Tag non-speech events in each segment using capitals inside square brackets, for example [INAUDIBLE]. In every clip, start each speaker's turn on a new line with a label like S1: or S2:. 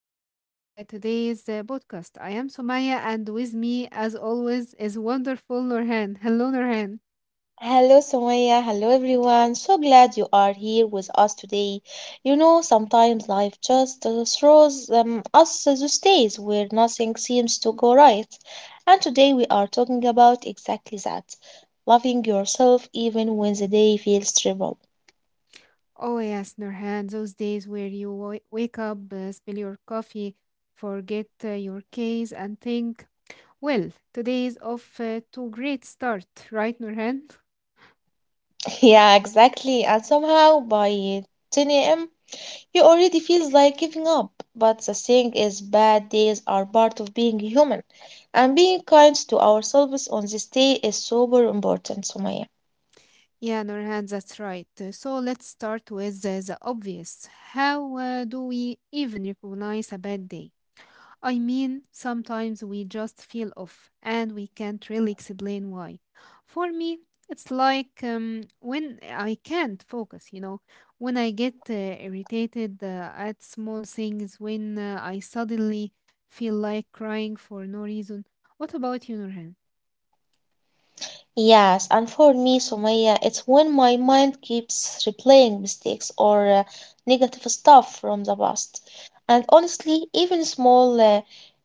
S1: welcome to today's podcast. I am Sumaya and with me as always is wonderful Nurhan. Hello Nurhan.
S2: Hello, Samaya. Hello, everyone. So glad you are here with us today. You know, sometimes life just throws us those days where nothing seems to go right. And today we are talking about exactly that, loving yourself even when the day feels terrible.
S1: Oh yes, Nurhan, those days where you wake up, spill your coffee, forget your case and think, well, today is off to a great start, right Nurhan?
S2: [LAUGHS] Yeah, exactly. And somehow by 10 a.m., he already feels like giving up, but the thing is, bad days are part of being human, and being kind to ourselves on this day is super important, Sumaya.
S1: Yeah, Nurhan, that's right. So let's start with the obvious. How do we even recognize a bad day? I mean, sometimes we just feel off and we can't really explain why. For me, it's like when I can't focus, you know, when I get irritated at small things, when I suddenly feel like crying for no reason. What about you, Nurhan?
S2: Yes, and for me, Sumaya, it's when my mind keeps replaying mistakes or negative stuff from the past. And honestly, even small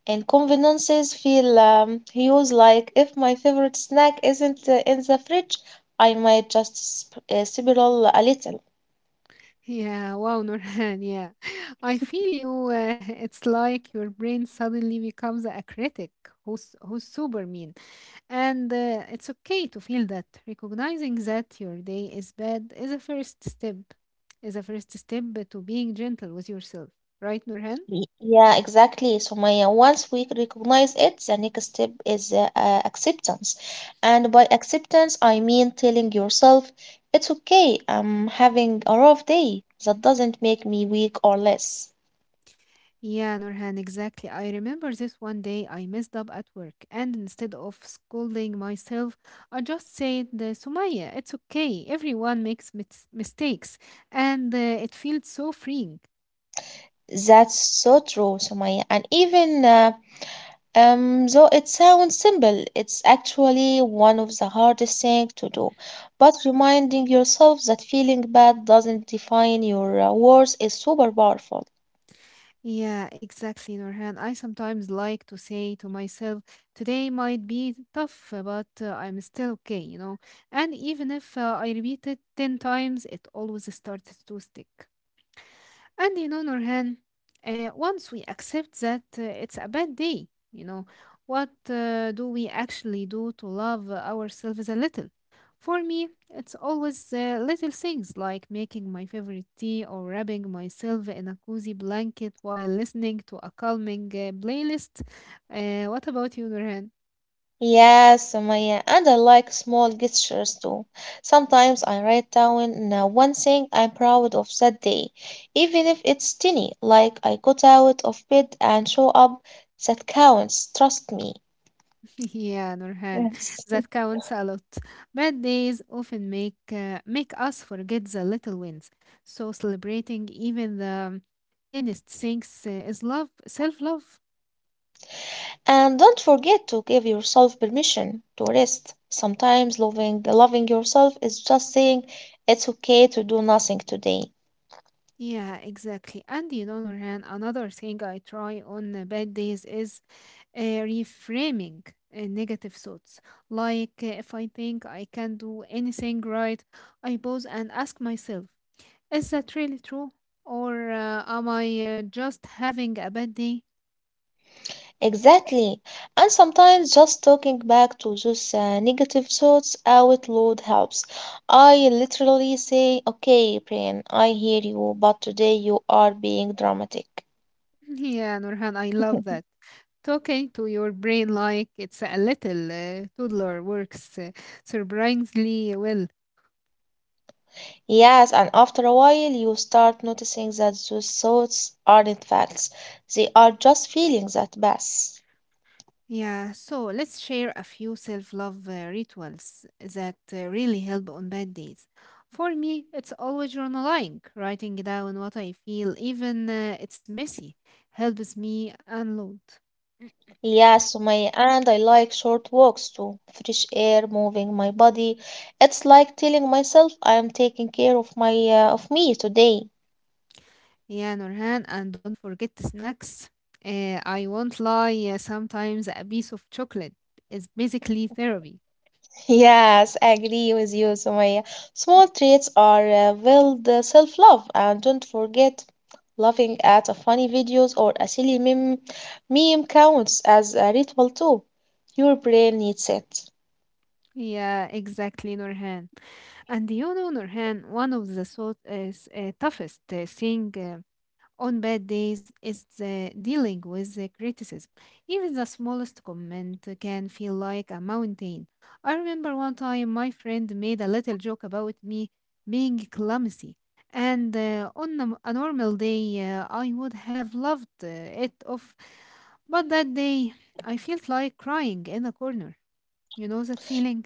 S2: inconveniences feel huge, like if my favorite snack isn't in the fridge, I might just spiral a little.
S1: Yeah, wow, Nurhan, yeah. [LAUGHS] I feel you. [LAUGHS] It's like your brain suddenly becomes a critic who's super mean. And it's okay to feel that. Recognizing that your day is bad is a first step to being gentle with yourself. Right, Nurhan?
S2: Yeah, exactly, Sumaya. Once we recognize it, the next step is acceptance. And by acceptance, I mean telling yourself, it's okay, I'm having a rough day. That doesn't make me weak or less.
S1: Yeah, Nurhan, exactly. I remember this one day I messed up at work, and instead of scolding myself, I just said, Sumaya, it's okay. Everyone makes mistakes. And it feels so freeing.
S2: That's so true, Sumaya. And even though it sounds simple, it's actually one of the hardest things to do. But reminding yourself that feeling bad doesn't define your worth is super powerful.
S1: Yeah, exactly, Nurhan. I sometimes like to say to myself, today might be tough, but I'm still okay, you know. And even if I repeat it 10 times, it always starts to stick. And in other hand, once we accept that it's a bad day, you know, what do we actually do to love ourselves a little? For me, it's always little things like making my favorite tea or wrapping myself in a cozy blanket while listening to a calming playlist. What about you, Nurhan?
S2: Yes, Sumaya, and I like small gestures too. Sometimes I write down one thing I'm proud of that day, even if it's tiny, like I got out of bed and show up. That counts, trust me.
S1: Yeah, Nurhan, [LAUGHS]
S2: Yes.
S1: that counts a lot. Bad days often make us forget the little wins. So celebrating even the tiniest things is love, self-love.
S2: And don't forget to give yourself permission to rest. Sometimes loving yourself is just saying it's okay to do nothing today.
S1: Yeah, exactly. And you know, Nurhan, another thing I try on bad days is reframing negative thoughts. Like if I think I can do anything right, I pause and ask myself. Is that really true? Or am I just having a bad day?
S2: Exactly. And sometimes just talking back to those negative thoughts out loud helps. I literally say, okay, brain, I hear you, but today you are being dramatic.
S1: [LAUGHS] Yeah, Nurhan, I love that.
S2: [LAUGHS]
S1: Talking to your brain like it's a little toddler works surprisingly well.
S2: Yes, and after a while, you start noticing that those thoughts aren't facts. They are just feelings at best.
S1: Yeah, so let's share a few self love rituals that really help on bad days. For me, it's always journaling, writing down what I feel, even it's messy, helps me unload.
S2: Yeah, Sumaya, and I like short walks too. Fresh air, moving my body. It's like telling myself I am taking care of my of me today.
S1: Yeah, Nurhan, and don't forget the snacks. I won't lie, sometimes a piece of chocolate is basically therapy.
S2: [LAUGHS] Yes, I agree with you, Sumaya. Small treats are build self-love, and don't forget, laughing at a funny videos or a silly meme counts as a ritual too. Your brain needs it.
S1: Yeah, exactly, Nurhan. And you know, Nurhan, one of the toughest thing on bad days, it's dealing with the criticism. Even the smallest comment can feel like a mountain. I remember one time my friend made a little joke about me being clumsy, and on a normal day, I would have loved it off. But that day, I felt like crying in a corner. You know that feeling?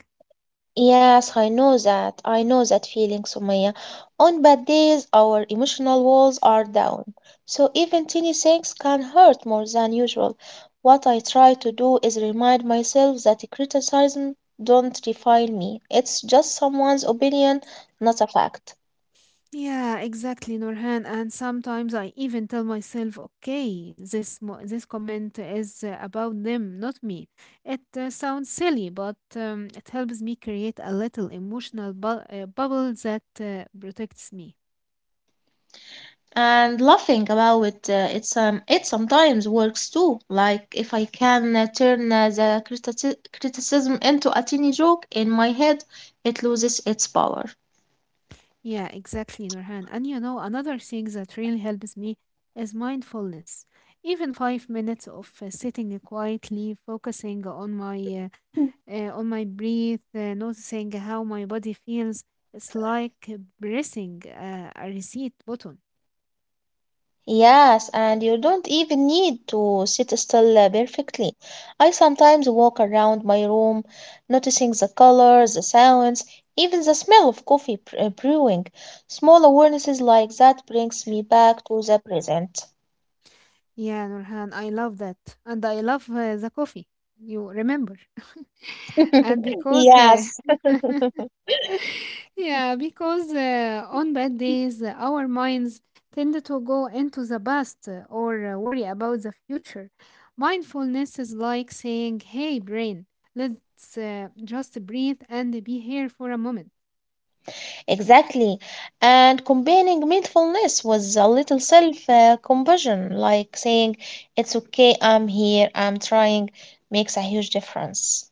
S2: Yes, I know that. I know that feeling, Sumaya. On bad days, our emotional walls are down. So even tiny things can hurt more than usual. What I try to do is remind myself that criticism don't define me. It's just someone's opinion, not a fact.
S1: Yeah, exactly, Norhan. And sometimes I even tell myself, okay, this comment is about them, not me. It sounds silly, but it helps me create a little emotional bu bubble that protects me.
S2: And laughing about it, it sometimes works too. Like if I can turn the criticism into a tiny joke in my head, it loses its power.
S1: Yeah, exactly, Norhan. And you know, another thing that really helps me is mindfulness. Even 5 minutes of sitting quietly, focusing on my breath, noticing how my body feels. It's like pressing a reset button.
S2: Yes, and you don't even need to sit still perfectly. I sometimes walk around my room, noticing the colors, the sounds, even the smell of coffee brewing. Small awarenesses like that brings me back to the present.
S1: Yeah, Nurhan, I love that. And I love the coffee. You remember. [LAUGHS] And
S2: [LAUGHS]
S1: because,
S2: Yes.
S1: [LAUGHS] yeah, because on bad
S2: Hm.
S1: days, our minds tend to go into the past or worry about the future. Mindfulness is like saying, hey, brain, let's just breathe and be here for a moment.
S2: Exactly. And combining mindfulness with a little self compassion, like saying, it's okay, I'm here, I'm trying, makes a huge difference.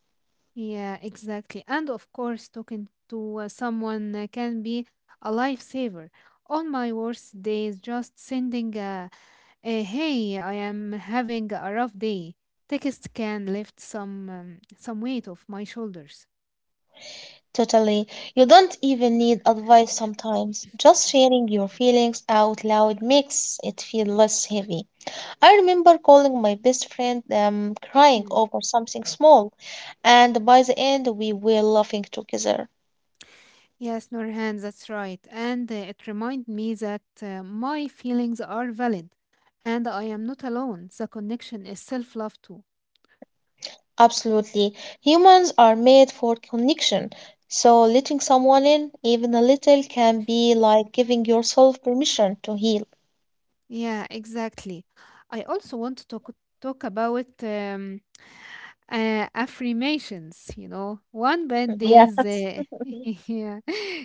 S1: Yeah, exactly. And of course, talking to someone can be a lifesaver. On my worst days, just sending a hey, I am having a rough day. Text can lift some weight off my shoulders.
S2: Totally. You don't even need advice sometimes. Just sharing your feelings out loud makes it feel less heavy. I remember calling my best friend crying
S1: Hmm.
S2: over something small, and by the end, we were laughing together.
S1: Yes, Norhan, that's right. And it reminds me that my feelings are valid and I am not alone. The connection is self love too.
S2: Absolutely. Humans are made for connection. So letting someone in, even a little, can be like giving yourself permission to heal.
S1: Yeah, exactly. I also want to talk about. Affirmations, you know, one bad day
S2: Yes.
S1: is, [LAUGHS]
S2: [LAUGHS]
S1: yeah,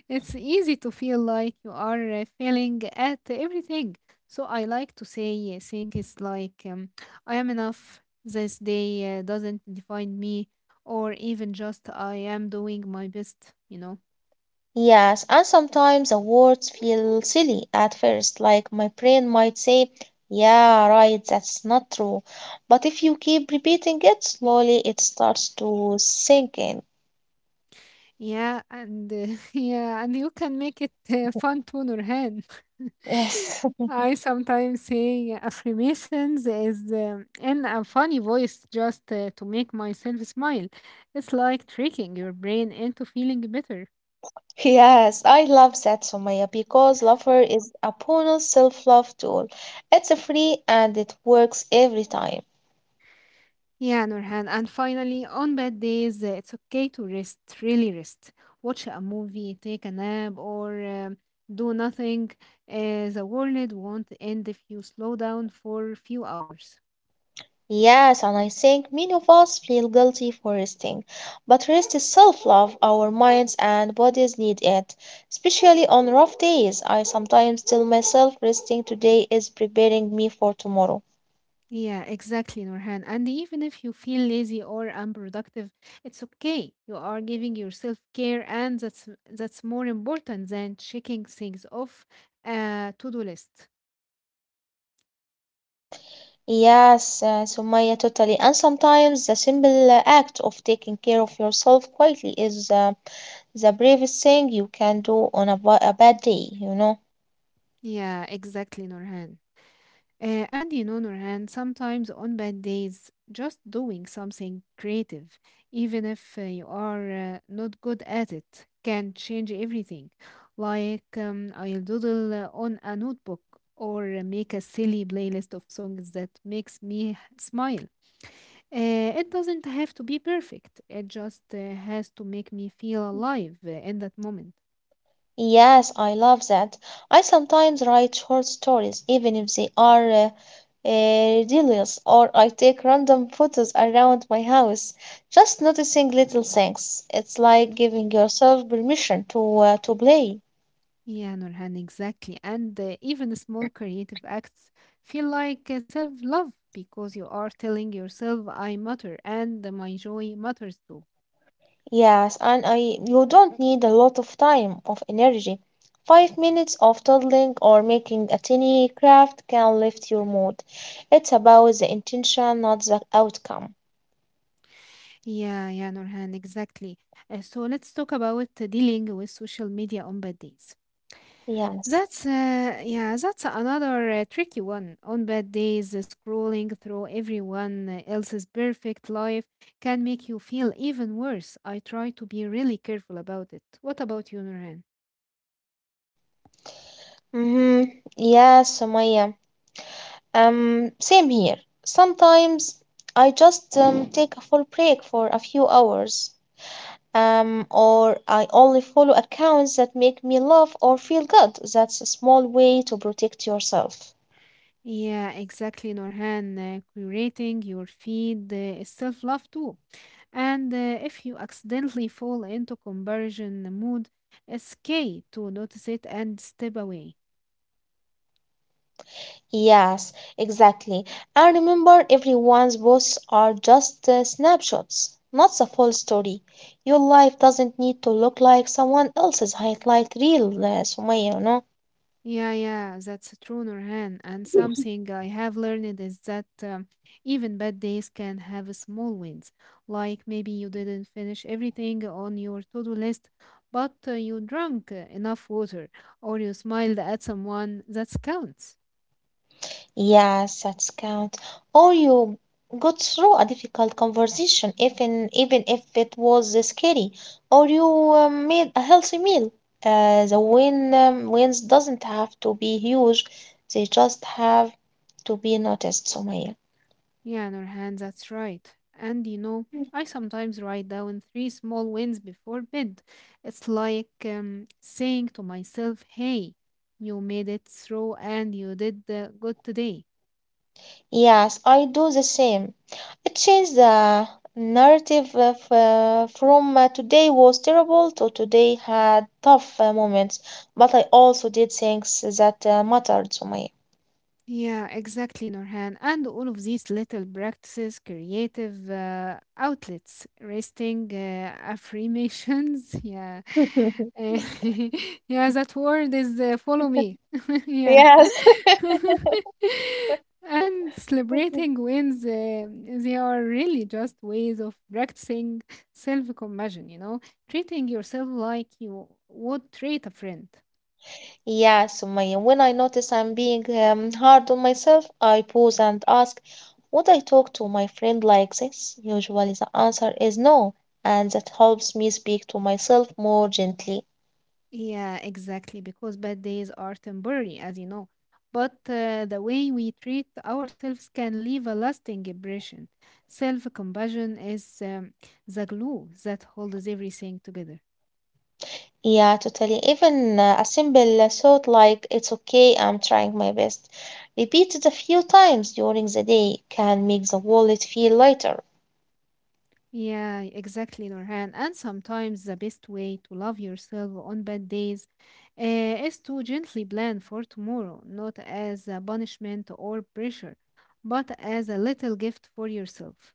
S1: it's easy to feel like you are failing at everything. So I like to say things like, I am enough, this day doesn't define me, or even just I am doing my best, you know.
S2: Yes, and sometimes the words feel silly at first, like my brain might say, yeah, right, that's not true. But if you keep repeating it, slowly it starts to sink in.
S1: Yeah, and [LAUGHS] yeah, and you can make it fun to Nurhan. [LAUGHS]
S2: Yes.
S1: I sometimes say affirmations is in a funny voice just to make myself smile. It's like tricking your brain into feeling better.
S2: Yes, I love that, Sumaya, because Lover is a bonus self-love tool. It's free and it works every time.
S1: Yeah, Nurhan. And finally, on bad days, it's okay to rest, really rest. Watch a movie, take a nap, or do nothing. The world won't end if you slow down for a few hours.
S2: Yes, and I think many of us feel guilty for resting, but rest is self-love. Our minds and bodies need it, especially on rough days. I sometimes tell myself resting today is preparing me for tomorrow.
S1: Yeah, exactly, Nurhan. And even if you feel lazy or unproductive, it's okay. You are giving yourself care, and that's more important than checking things off a to-do list.
S2: Yes, Sumaya, totally. And sometimes the simple act of taking care of yourself quietly is the bravest thing you can do on a bad day, you know?
S1: Yeah, exactly, Nurhan. And in other hand, sometimes on bad days, just doing something creative, even if you are not good at it, can change everything. Like I'll doodle on a notebook or make a silly playlist of songs that makes me smile. It doesn't have to be perfect. It just has to make me feel alive in that moment.
S2: Yes, I love that. I sometimes write short stories, even if they are ridiculous, or I take random photos around my house, just noticing little things. It's like giving yourself permission to to play.
S1: Yeah, Nurhan, exactly. And even small creative acts feel like self-love because you are telling yourself, I matter and my joy matters too.
S2: Yes, and I you don't need a lot of time of energy. 5 minutes of toddling or making a tiny craft can lift your mood. It's about the intention, not the outcome.
S1: Yeah, Nurhan, exactly. So let's talk about dealing with social media on bad days.
S2: Yes.
S1: Yeah, that's another tricky one. On bad days, scrolling through everyone else's perfect life can make you feel even worse. I try to be really careful about it. What about you, Nurhan?
S2: Mm-hmm. Yes, Sumaya. Same here. Sometimes I just take a full break for a few hours. Or I only follow accounts that make me laugh or feel good. That's a small way to protect yourself.
S1: Yeah, exactly, Norhan. Curating your feed is self love too. And if you accidentally fall into comparison mood, it's okay to notice it and step away.
S2: Yes, exactly. And remember, everyone's posts are just snapshots, not the full story. Your life doesn't need to look like someone else's highlight reel, Sumaya, you know?
S1: Yeah, that's true, Norhan. And something I have learned is that even bad days can have small wins. Like maybe you didn't finish everything on your to do list, but you drank enough water or you smiled at someone. That counts.
S2: Yes, that's count. Or you got through a difficult conversation, even if it was scary, or you made a healthy meal. The wins doesn't have to be huge; they just have to be noticed, Sumaya.
S1: Yeah, Nurhan, that's right. And you know, I sometimes write down three small wins before bed. It's like saying to myself, hey, you made it through and you did good today.
S2: Yes, I do the same. It changed the narrative of, from today was terrible to today had tough moments, but I also did things that mattered to me.
S1: Yeah, exactly, Norhan. And all of these little practices, creative outlets, resting affirmations. [LAUGHS] Yeah.
S2: [LAUGHS]
S1: Eh, [LAUGHS] yeah, that word is follow me. [LAUGHS] Yeah.
S2: Yes.
S1: [LAUGHS] And celebrating wins, they are really just ways of practicing self compassion, you know? Treating yourself like you would treat a friend.
S2: Yes, Sumaya, when I notice I'm being hard on myself, I pause and ask, would I talk to my friend like this? Usually the answer is no, and that helps me speak to myself more gently.
S1: Yeah, exactly. Because bad days are temporary, as you know. But the way we treat ourselves can leave a lasting impression. Self compassion is the glue that holds everything together.
S2: Yeah, totally. Even a simple thought like, it's okay, I'm trying my best, repeated a few times during the day can make the wallet feel lighter.
S1: Yeah, exactly, Nurhan. And sometimes the best way to love yourself on bad days is to gently plan for tomorrow, not as a punishment or pressure, but as a little gift for yourself.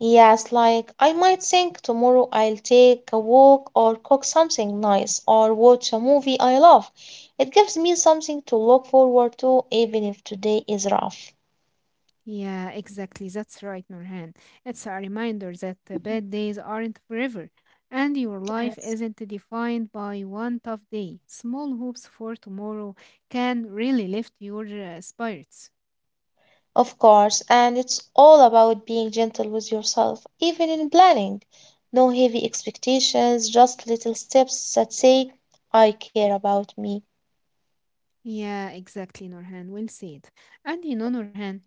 S2: Yes, like I might think tomorrow I'll take a walk or cook something nice or watch a movie I love. It gives me something to look forward to, even if today is rough.
S1: Yeah, exactly. That's right, Nurhan. It's a reminder that the bad days aren't forever, and your life
S2: Yes.
S1: isn't defined by one tough day. Small hopes for tomorrow can really lift your spirits.
S2: Of course, and it's all about being gentle with yourself, even in planning. No heavy expectations, just little steps that say, I care about me.
S1: Yeah, exactly, Norhan. Well said. And you know, Norhan,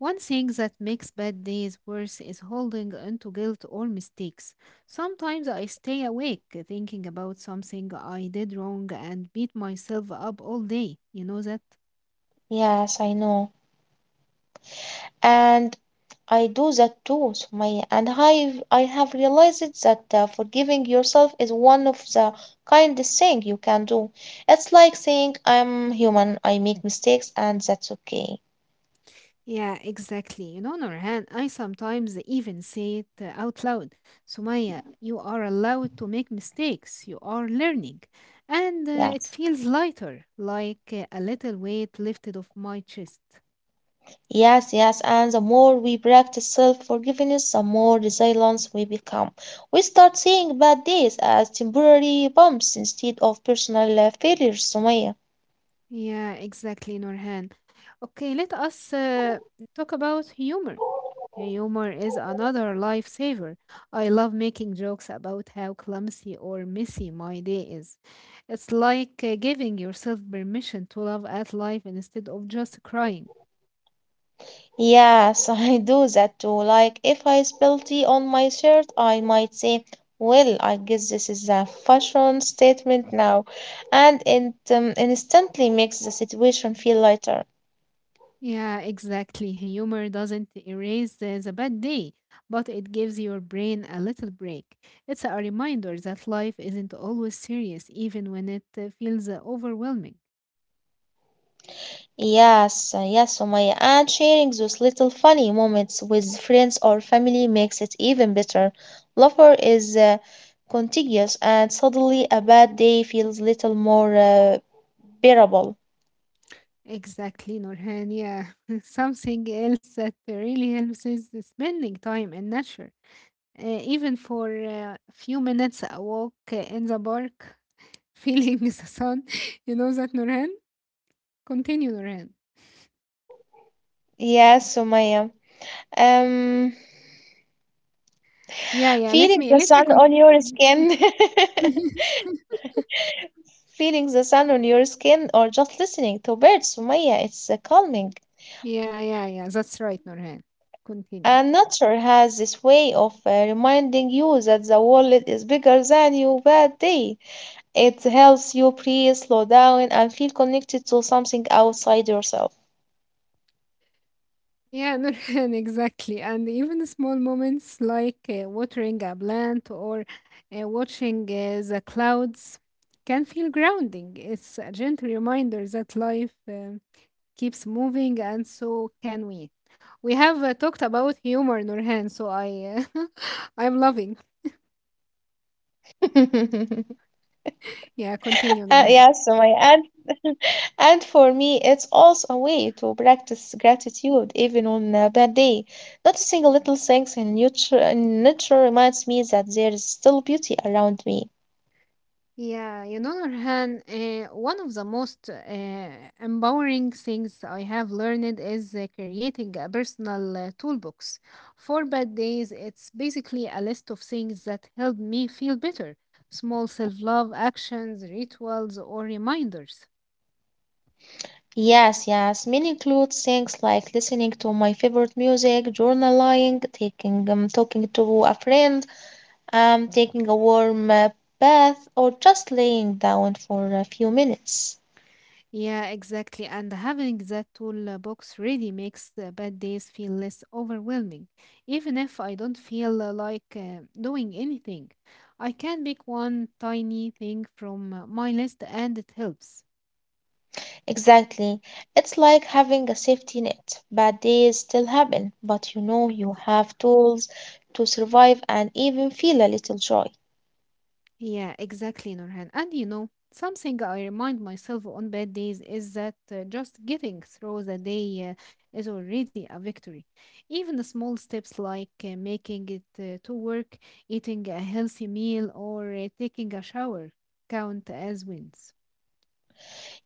S1: one thing that makes bad days worse is holding onto guilt or mistakes. Sometimes I stay awake thinking about something I did wrong and beat myself up all day. You know that?
S2: Yes, I know. And I do that too, Sumaya. And I have realized that forgiving yourself is one of the kindest thing you can do. It's like saying, I'm human, I make mistakes, and that's okay.
S1: Yeah, exactly. You know, Norhan, I sometimes even say it out loud. Sumaya, you are allowed to make mistakes. You are learning. And
S2: Yeah.
S1: it feels lighter, like a little weight lifted off my chest.
S2: Yes, and the more we practice self forgiveness, the more resilient we become. We start seeing bad days as temporary bumps instead of personal failures, Sumaya.
S1: Yeah, exactly, Norhan. Okay, let us talk about humor. Humor is another lifesaver. I love making jokes about how clumsy or messy my day is. It's like giving yourself permission to laugh at life instead of just crying.
S2: Yes, [LAUGHS] I do that too. Like, if I spill tea on my shirt, I might say, well, I guess this is a fashion statement now, and it instantly makes the situation feel lighter.
S1: Yeah, exactly. Humor doesn't erase the bad day, but it gives your brain a little break. It's a reminder that life isn't always serious, even when it feels overwhelming.
S2: Yes, Sumaya. And sharing those little funny moments with friends or family makes it even better. Laughter is contagious, and suddenly a bad day feels little more bearable.
S1: Exactly, Nurhan. Yeah, [LAUGHS] something else that really helps is the spending time in nature, even for a few minutes a walk in the park, [LAUGHS] feeling the sun. [LAUGHS] You know that, Nurhan. Continue, Nurhan.
S2: Yes, Sumaya. Um, um,
S1: Yeah. Let
S2: Feeling
S1: me
S2: the
S1: let me
S2: sun on your
S1: continue.
S2: skin. [LAUGHS]
S1: [LAUGHS]
S2: Feeling the sun on your skin or just listening to birds, Sumaya, it's calming.
S1: Yeah, yeah, yeah. That's right, Nurhan. Continue.
S2: And nature has this way of reminding you that the world is bigger than your bad day. It helps you breathe, slow down, and feel connected to something outside yourself.
S1: Yeah, Nurhan, [LAUGHS] exactly. And even the small moments like watering a plant or watching the clouds can feel grounding. It's a gentle reminder that life keeps moving, and so can we. We have talked about humor, Nurhan, so I [LAUGHS] I'm loving.
S2: [LAUGHS]
S1: Yeah, continue, Nurhan.
S2: Yes, my and [LAUGHS] and for me, it's also a way to practice gratitude even on a bad day. Noticing little things in nature reminds me that there is still beauty around me.
S1: Yeah, you know, Nurhan, one of the most empowering things I have learned is creating a personal toolbox. For bad days, it's basically a list of things that help me feel better, small self-love actions, rituals, or reminders.
S2: Yes, yes. Many include things like listening to my favorite music, journaling, taking talking to a friend, taking a warm bath, or just laying down for a few minutes.
S1: Yeah, exactly. And having that toolbox really makes bad days feel less overwhelming. Even if I don't feel like doing anything, I can pick one tiny thing from my list, and it helps.
S2: Exactly. It's like having a safety net. Bad days still happen, but you know you have tools to survive and even feel a little joy.
S1: Yeah, exactly, Nurhan. And you know, something I remind myself on bad days is that just getting through the day is already a victory. Even the small steps like making it to work, eating a healthy meal, or taking a shower count as wins.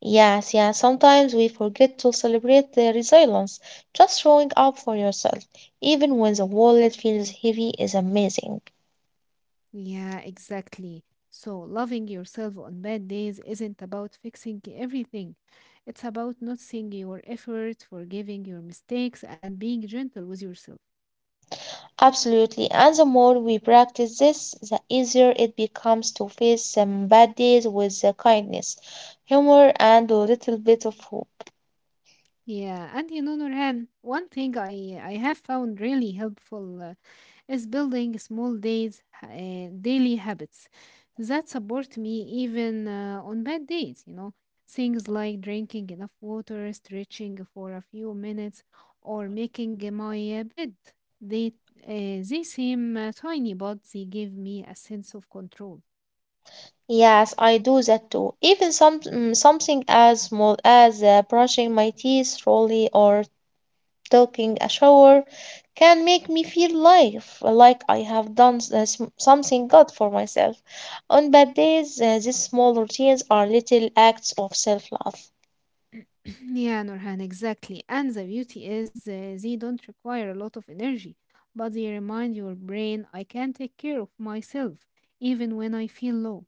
S2: Yes, sometimes we forget to celebrate the resilience. Just showing up for yourself, even when the wallet feels heavy, is amazing.
S1: Yeah, exactly. So, loving yourself on bad days isn't about fixing everything. It's about noticing your effort, forgiving your mistakes, and being gentle with yourself.
S2: Absolutely. And the more we practice this, the easier it becomes to face some bad days with the kindness, humor, and a little bit of hope.
S1: Yeah, and you know, Nurhan, one thing I have found really helpful is building small days, daily habits that support me even on bad days. You know, things like drinking enough water, stretching for a few minutes, or making my bed. They they seem tiny, but they give me a sense of control.
S2: Yes, I do that too. Even something as small as brushing my teeth slowly or taking a shower can make me feel life like I have done something good for myself. On bad days, these small routines are little acts of self-love.
S1: Yeah, Nurhan, exactly. And the beauty is they don't require a lot of energy, but they remind your brain I can take care of myself even when I feel low.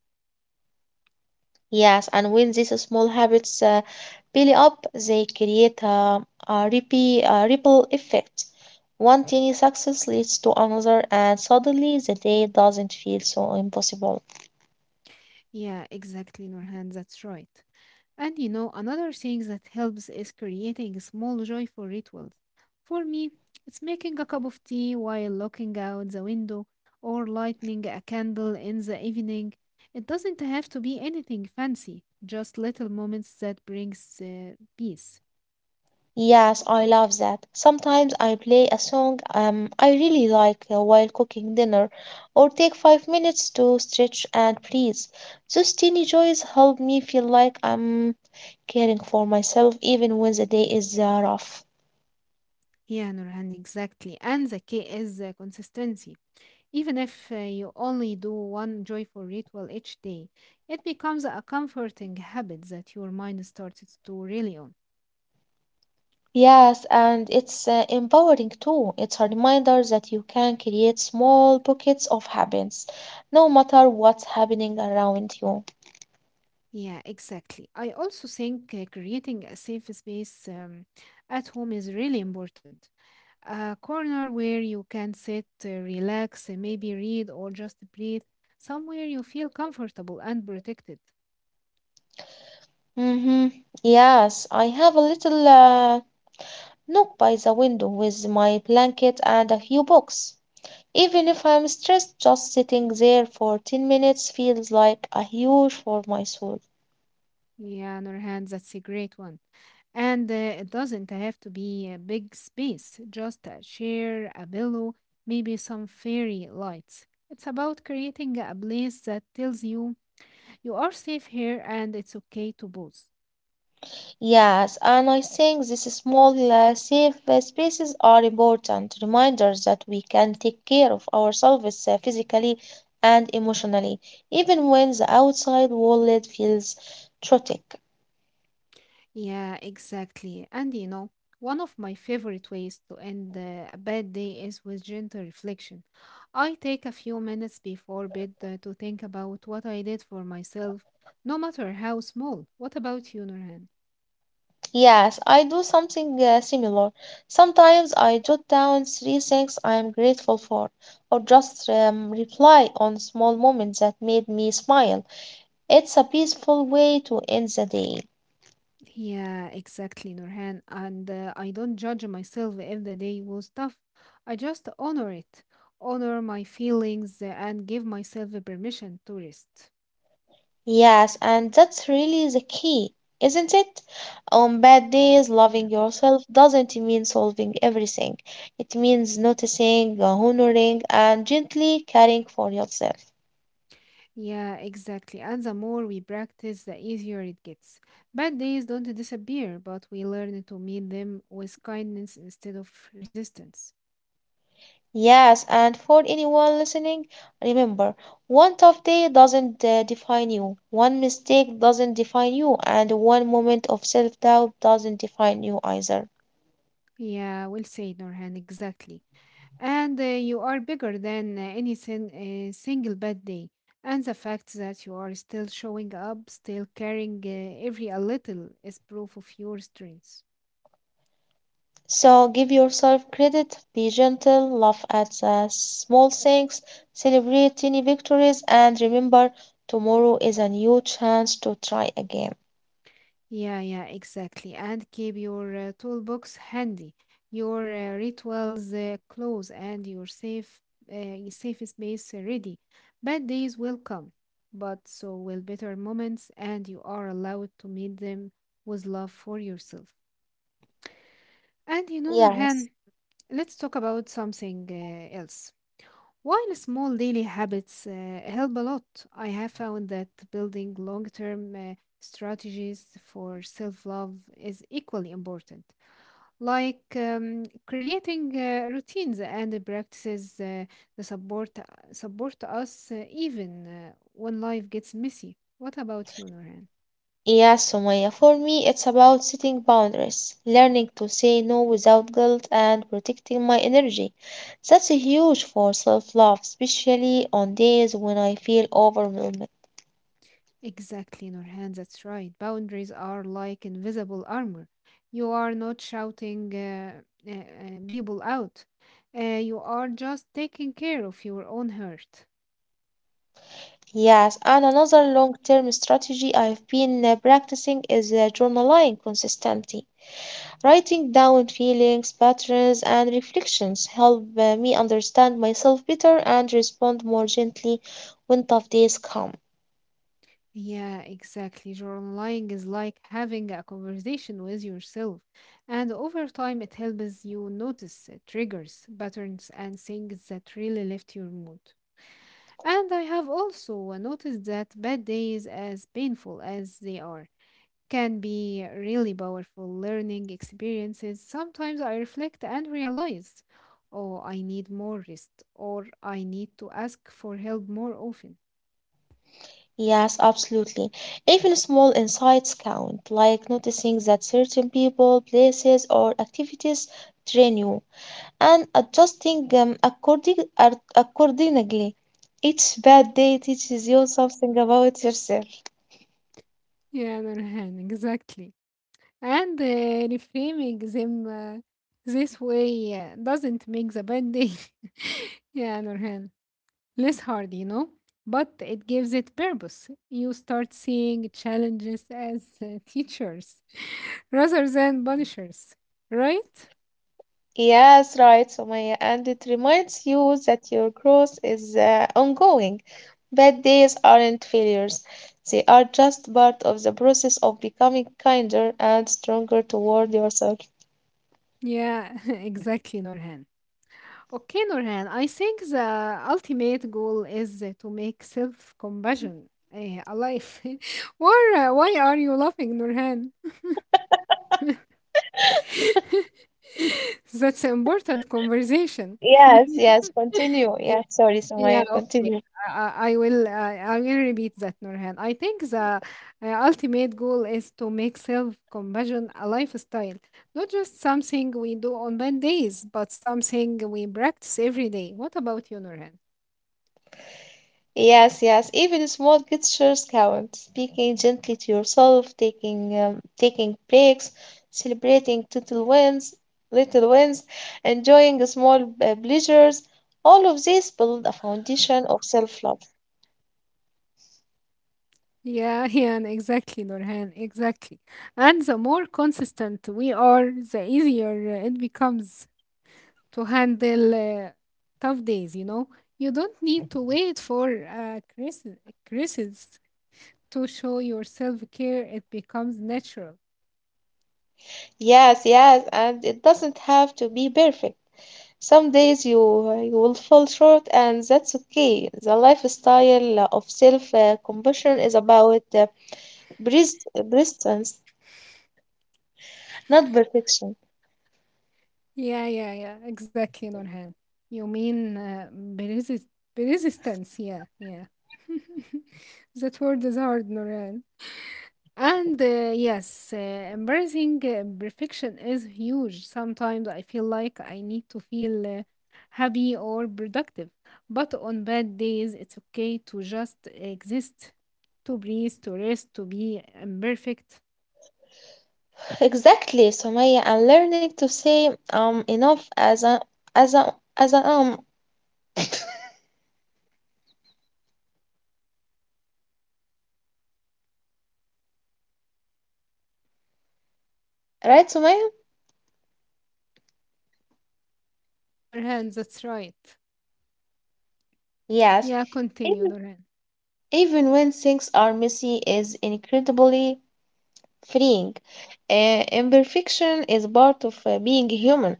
S2: Yes, and when these small habits build up, they create a ripple effect. One tiny success leads to another, and suddenly the day doesn't feel so impossible.
S1: Yeah, exactly, Nurhan, that's right. And you know, another thing that helps is creating small joyful rituals. For me, it's making a cup of tea while looking out the window or lighting a candle in the evening. It doesn't have to be anything fancy, just little moments that brings peace.
S2: Yes, I love that. Sometimes I play a song I really like while cooking dinner, or take 5 minutes to stretch and breathe. Those teeny joys help me feel like I'm caring for myself even when the day is rough.
S1: Yeah, Nurhan, exactly. And the key is consistency. Even if you only do one joyful ritual each day, it becomes a comforting habit that your mind starts to rely on.
S2: Yes, and it's empowering too. It's a reminder that you can create small pockets of happiness, no matter what's happening around you.
S1: Yeah, exactly. I also think creating a safe space at home is really important. A corner where you can sit, relax, maybe read or just breathe, somewhere you feel comfortable and protected.
S2: Mm-hmm. Yes, I have a little Knock by the window with my blanket and a few books. Even if I'm stressed, just sitting there for 10 minutes feels like a huge for my soul.
S1: Yeah, Nurhan, that's a great one. And it doesn't have to be a big space, just a chair, a pillow, maybe some fairy lights. It's about creating a place that tells you you are safe here and it's okay to pause.
S2: Yes, and I think these small, safe spaces are important reminders that we can take care of ourselves physically and emotionally, even when the outside world feels chaotic.
S1: Yeah, exactly. And you know, one of my favorite ways to end a bad day is with gentle reflection. I take a few minutes before bed to think about what I did for myself, no matter how small. What about you, Nurhan?
S2: Yes, I do something similar. Sometimes I jot down three things I am grateful for, or just reply on small moments that made me smile. It's a peaceful way to end the day.
S1: Yeah, exactly, Nurhan. And I don't judge myself if the day was tough. I just honor it, honor my feelings, and give myself the permission to rest.
S2: Yes, and that's really the key, isn't it? On bad days,
S1: Yeah.
S2: loving yourself doesn't mean solving everything. It means noticing, honoring, and gently caring for yourself.
S1: Yeah, exactly. And the more we practice, the easier it gets. Bad days don't disappear, but we learn to meet them with kindness instead of resistance.
S2: Yes, and for anyone listening, remember one tough day doesn't define you, one mistake doesn't define you, and one moment of self doubt doesn't define you either.
S1: Yeah, we'll say, Norhan, exactly. And you are bigger than single bad day. And the fact that you are still showing up, still caring every a little, is proof of your strength.
S2: So give yourself credit, be gentle, laugh at the small things, celebrate tiny victories, and remember tomorrow is a new chance to try again.
S1: Yeah, yeah, exactly. And keep your toolbox handy, your rituals close, and your safe space ready. Bad days will come, but so will better moments, and you are allowed to meet them with love for yourself. And you know,
S2: Yes.
S1: Nurhan, let's talk about something else. While small daily habits help a lot, I have found that building long term strategies for self love is equally important, like creating routines and practices that support us even when life gets messy. What about you, Nurhan?
S2: Yeah, Sumaya, for me, it's about setting boundaries, learning to say no without guilt, and protecting my energy. That's a huge for self love, especially on days when I feel overwhelmed.
S1: Exactly, Nurhan, that's right. Boundaries are like invisible armor. You are not shouting people out. You are just taking care of your own hurt.
S2: Yes, and another long term strategy I've been practicing is journaling consistently. Writing down feelings, patterns, and reflections help me understand myself better and respond more gently when tough days come.
S1: Yeah, exactly. Journaling is like having a conversation with yourself, and over time, it helps you notice triggers, patterns, and things that really lift your mood. And I have also noticed that bad days, as painful as they are, can be really powerful learning experiences. Sometimes I reflect and realize, oh, I need more rest, or I need to ask for help more often.
S2: Yes, absolutely. Even small insights count, like noticing that certain people, places, or activities train you and adjusting them accordingly. Each bad day teaches you something about yourself.
S1: Yeah, Nurhan, exactly. And reframing them this way doesn't make the bad day, [LAUGHS] yeah, Nurhan, less hard, you know, but it gives it purpose. You start seeing challenges as teachers [LAUGHS] rather than punishers, right?
S2: Yes, right, Sumaya. And it reminds you that your growth is ongoing. Bad days aren't failures, they are just part of the process of becoming kinder and stronger toward yourself.
S1: Yeah, [LAUGHS] exactly, Nurhan. Okay, Nurhan, I think the ultimate goal is to make self-compassion alive. [LAUGHS] Why, why are you laughing, Nurhan? [LAUGHS] That's an important conversation.
S2: Yes, yes,
S1: [LAUGHS]
S2: continue. Yeah, sorry,
S1: Yeah,
S2: Sumaya,
S1: okay.
S2: continue.
S1: I will I will repeat that, Nurhan. I think the ultimate goal is to make self-compassion a lifestyle, not just something we do on bad days, but something we practice every day. What about you, Nurhan?
S2: Yes, yes. Even small gestures count. Speaking gently to yourself, taking breaks, celebrating little wins, little wins, enjoying small pleasures. All of these build a foundation of self-love.
S1: Yeah, [LAUGHS] yeah, and exactly, Nurhan, exactly. And the more consistent we are, the easier it becomes to handle tough days, you know? You don't need to wait for crisis to show your self care. It becomes natural.
S2: Yes, yes, and it doesn't have to be perfect. Some days you will fall short, and that's okay. The lifestyle of self-compassion is about persistence, not perfection.
S1: Yeah, yeah, yeah, exactly, Nurhan. You mean resistance. Yeah, yeah. [LAUGHS] That word is hard, Nurhan. And yes, embracing perfection is huge. Sometimes I feel like I need to feel happy or productive. But on bad days, it's okay to just exist, to breathe, to rest, to be imperfect.
S2: Exactly, Sumaya. I'm learning to say enough as a as a as a um, right, Sumaya?
S1: Nurhan, that's right.
S2: Yes.
S1: Yeah, continue,
S2: Even
S1: Nurhan.
S2: Even when things are messy is incredibly freeing. Imperfection is part of being human.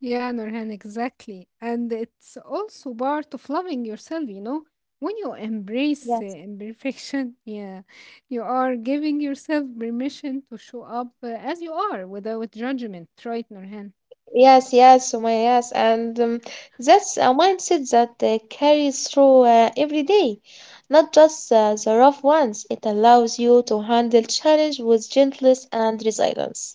S1: Yeah, Nurhan, exactly. And it's also part of loving yourself, you know. When you embrace
S2: Yes.
S1: imperfection, [LAUGHS] yeah, you are giving yourself permission to show up as you are without judgment, right, Nurhan?
S2: Yes, yes, Sumaya, yes. And that's a mindset that carries through every day, not just the rough ones. It allows you to handle challenge with gentleness and resilience.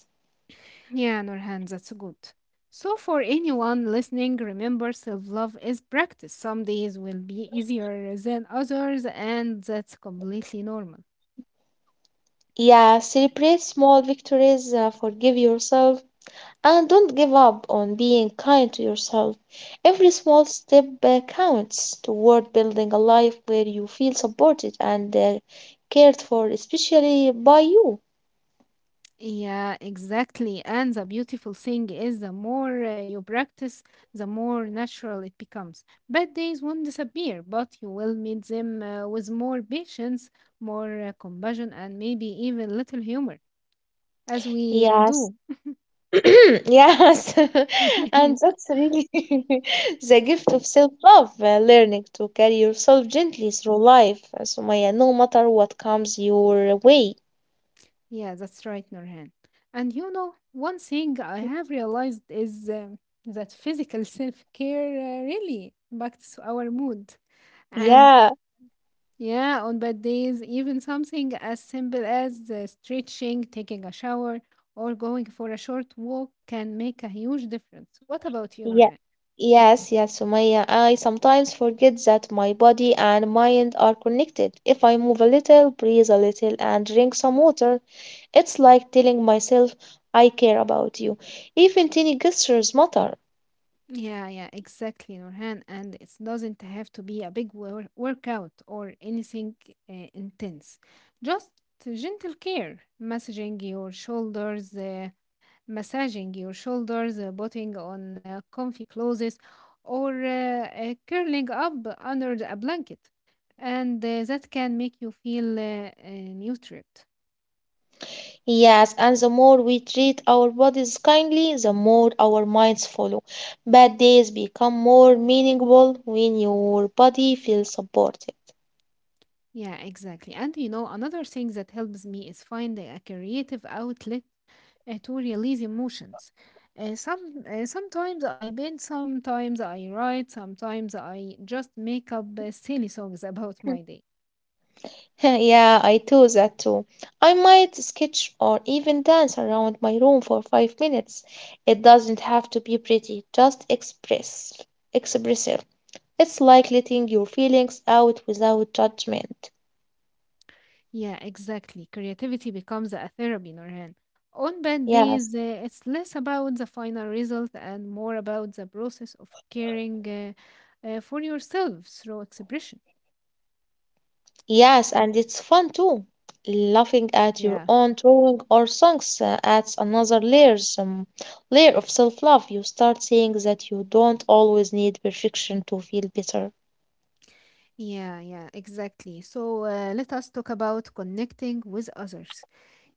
S1: Yeah, Nurhan, that's good. So, for anyone listening, remember self love is practice. Some days will be easier than others, and that's completely normal.
S2: Yeah, celebrate small victories, forgive yourself, and don't give up on being kind to yourself. Every small step counts toward building a life where you feel supported and cared for, especially by you.
S1: Yeah, exactly. And the beautiful thing is the more you practice, the more natural it becomes. Bad days won't disappear, but you will meet them with more patience, more compassion, and maybe even little humor, as we
S2: Yes.
S1: do.
S2: [CLEARS THROAT] Yes. [LAUGHS] And
S1: [LAUGHS]
S2: that's really [LAUGHS] the gift of self-love, learning to carry yourself gently through life, Sumaya, no matter what comes your way.
S1: Yeah, that's right, Nurhan. And you know, one thing I have realized is that physical self care really impacts our mood. And
S2: Yeah.
S1: yeah, on bad days, even something as simple as stretching, taking a shower, or going for a short walk can make a huge difference. What about you,
S2: Yeah.
S1: Nurhan?
S2: Yes, yes, Sumaya. I sometimes forget that my body and mind are connected. If I move a little, breathe a little, and drink some water, it's like telling myself, I care about you. Even tiny gestures matter.
S1: Yeah, yeah, exactly, Nurhan. And it doesn't have to be a big workout or anything intense. Just gentle care, massaging your shoulders, putting on comfy clothes, or curling up under a blanket. And that can make you feel nurtured.
S2: Yes, and the more we treat our bodies kindly, the more our minds follow. Bad days become more meaningful when your body feels supported.
S1: Yeah, exactly. And you know, another thing that helps me is finding a creative outlet to release emotions. Sometimes I paint, sometimes I write, sometimes I just make up
S2: [LAUGHS]
S1: silly songs about my day.
S2: Yeah, I do that too. I might sketch or even dance around my room for 5 minutes. It doesn't have to be pretty, expressive. It's like letting your feelings out without judgment.
S1: Yeah, exactly. Creativity becomes a therapy, Norhan. On bad
S2: Yes.
S1: days, it's less about the final result and more about the process of caring for yourself through expression.
S2: Yes, and it's fun too. Laughing at your
S1: Yeah,
S2: own drawing or songs adds another layer of self-love. You start seeing that you don't always need perfection to feel better.
S1: yeah, yeah, exactly. So let us talk about connecting with others.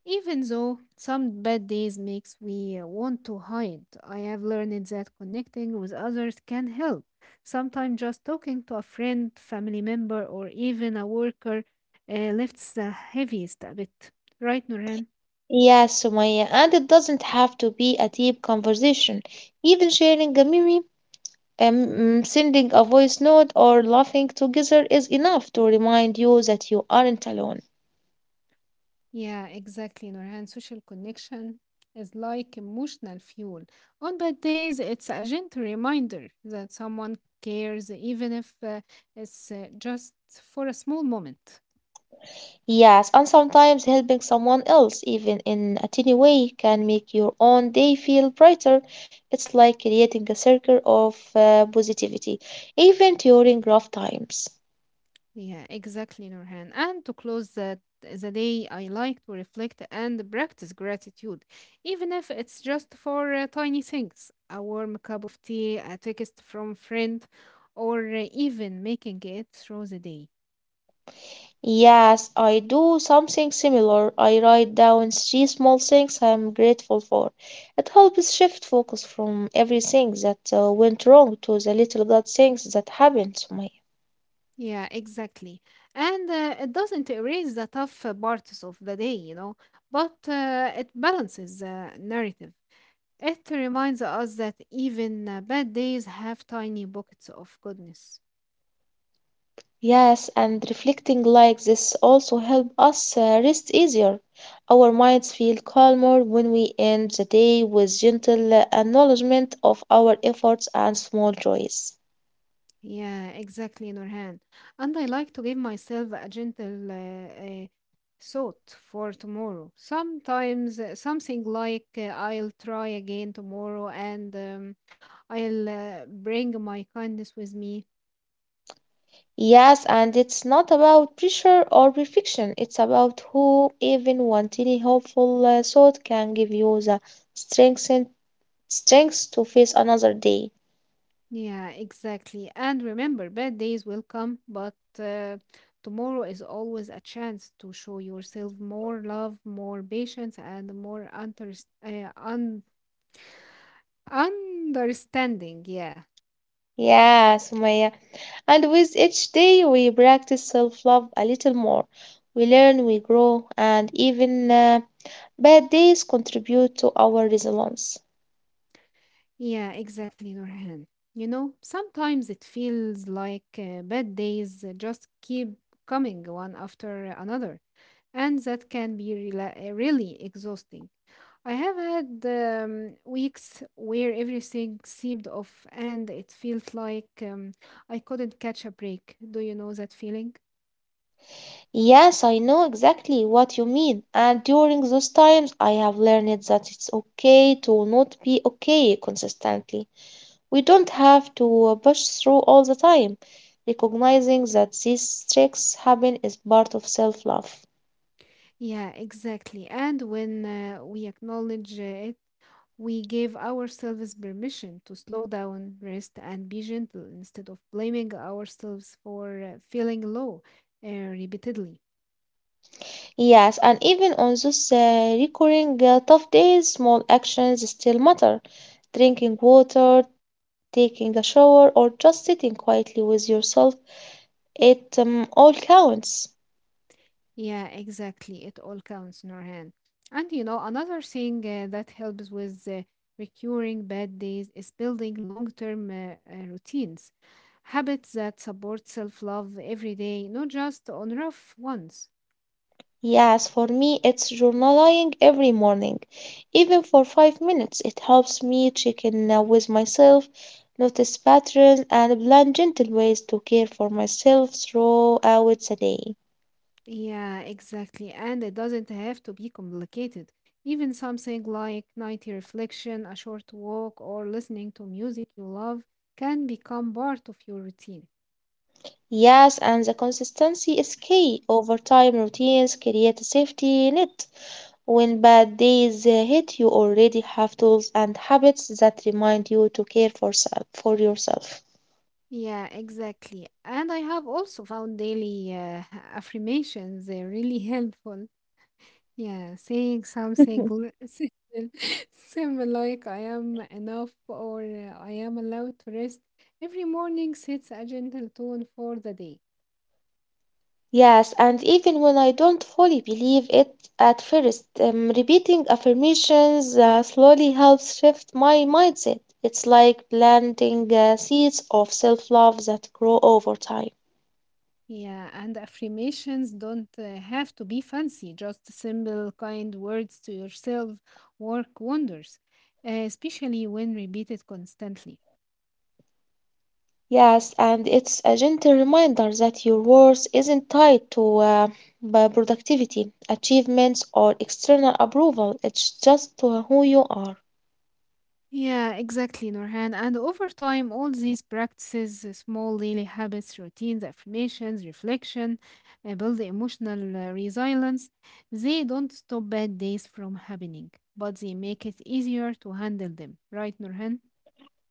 S1: Even though some bad days makes we want to hide, I have learned that connecting with others can help. Sometimes just talking to a friend, family member, or even a worker lifts the heaviest a bit. Right, Nurhan?
S2: Yes, Sumaya, and it doesn't have to be a deep conversation. Even sharing a meme, sending a voice note, or laughing together is enough to remind you that you aren't alone.
S1: Yeah, exactly, Nurhan. Social connection is like emotional fuel. On bad days, it's a gentle reminder that someone cares, even if it's just for a small moment.
S2: Yes, and sometimes helping someone else, even in a tiny way, can make your own day feel brighter. It's like creating a circle of positivity, even during rough times.
S1: Yeah, exactly, Nurhan. And to close that the day, I like to reflect and practice gratitude, even if it's just for tiny things, a warm cup of tea, a text from friend, or even making it through the day.
S2: Yes, I do something similar. I write down three small things I'm grateful for. It helps shift focus from everything that went wrong to the little good things that happened to me.
S1: Yeah, exactly. And it doesn't erase the tough parts of the day, you know, but it balances the narrative. It reminds us that even bad days have tiny pockets of goodness.
S2: Yes, and reflecting like this also help us rest easier. Our minds feel calmer when we end the day with gentle acknowledgement of our efforts and small joys.
S1: Yeah, exactly, Nurhan. And I like to give myself a gentle thought for tomorrow. Sometimes something like I'll try again tomorrow, and I'll bring my kindness with me.
S2: Yes, and it's not about pressure or perfection. It's about who even one tiny hopeful thought can give you the strength and strength to face another day.
S1: Yeah, exactly. And remember, bad days will come, but uh, tomorrow is always a chance to show yourself more love, more patience, and more understanding. Yeah.
S2: Yes, Maya. And with each day, we practice self love a little more. We learn, we grow, and even bad days contribute to our resilience.
S1: Yeah, exactly, Nurhan. You know, sometimes it feels like bad days just keep coming one after another, and that can be really exhausting. I have had weeks where everything seemed off and it felt like I couldn't catch a break. Do you know that feeling?
S2: Yes, I know exactly what you mean. And during those times, I have learned that it's okay to not be okay consistently. We don't have to push through all the time. Recognizing that these tricks happen is part of self love.
S1: Yeah, exactly. And when we acknowledge , we gave ourselves permission to slow down, rest, and be gentle instead of blaming ourselves for feeling low repeatedly.
S2: Yes, and even on those recurring tough days, small actions still matter. Drinking water, taking a shower, or just sitting quietly with yourself, it all counts.
S1: Yeah, exactly. It all counts, Norhan. And you know, another thing that helps with recurring bad days is building long term routines, habits that support self love every day, not just on rough ones.
S2: Yes, for me, it's journaling every morning. Even for 5 minutes, it helps me check in with myself, notice patterns, and plan gentle ways to care for myself throughout the day.
S1: Yeah, exactly. And it doesn't have to be complicated. Even something like nightly reflection, a short walk, or listening to music you love can become part of your routine.
S2: Yes, and the consistency is key. Over time, routines create a safety net. When bad days hit, you already have tools and habits that remind you to for yourself.
S1: Yeah, exactly. And I have also found daily [LAUGHS] affirmations really [LAUGHS] helpful. Yeah, saying something [LAUGHS] simple like I am enough or I am allowed to rest every morning sets a gentle tone for the day.
S2: Yes, and even when I don't fully believe it at first, repeating affirmations slowly helps shift my mindset. It's like planting seeds of self love that grow over time.
S1: Yeah, and affirmations don't have to be fancy, just simple, kind words to yourself work wonders, especially when repeated constantly.
S2: Yes, and it's a gentle reminder that your worth isn't tied to by productivity, achievements, or external approval. It's just to who you are.
S1: Yeah, exactly, Norhan. And over time, all these practices, small daily habits, routines, affirmations, reflection, build emotional resilience. They don't stop bad days from happening, but they make it easier to handle them, right, Norhan?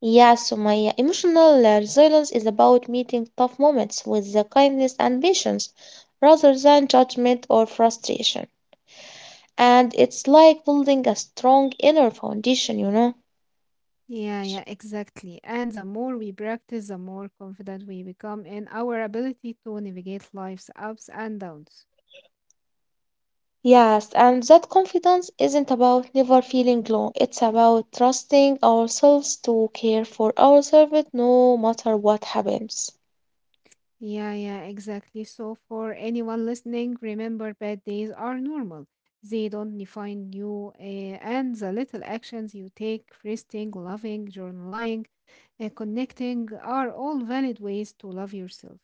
S2: Yes, so my emotional resilience is about meeting tough moments with the kindness and patience rather than judgment or frustration. And it's like building a strong inner foundation, you know.
S1: Yeah, yeah, exactly. And the more we practice, the more confident we become in our ability to navigate life's ups and downs.
S2: Yes, and that confidence isn't about never feeling low. It's about trusting ourselves to care for ourselves no matter what happens.
S1: Yeah, yeah, exactly. So, for anyone listening, remember bad days are normal. They don't define you, and the little actions you take, resting, loving, journaling, connecting, are all valid ways to love yourself.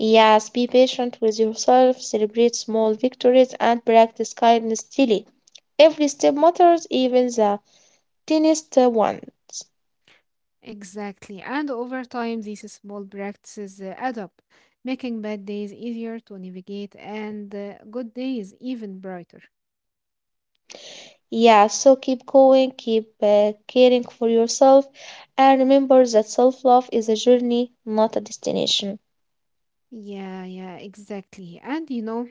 S2: Yes, be patient with yourself, celebrate small victories, and practice kindness daily. Every step matters, even the tiniest ones.
S1: Exactly. And over time, these small practices add up, making bad days easier to navigate and good days even brighter.
S2: Yeah, so keep going, keep caring for yourself, and remember that self love is a journey, not a destination.
S1: Yeah, yeah, exactly. And you know,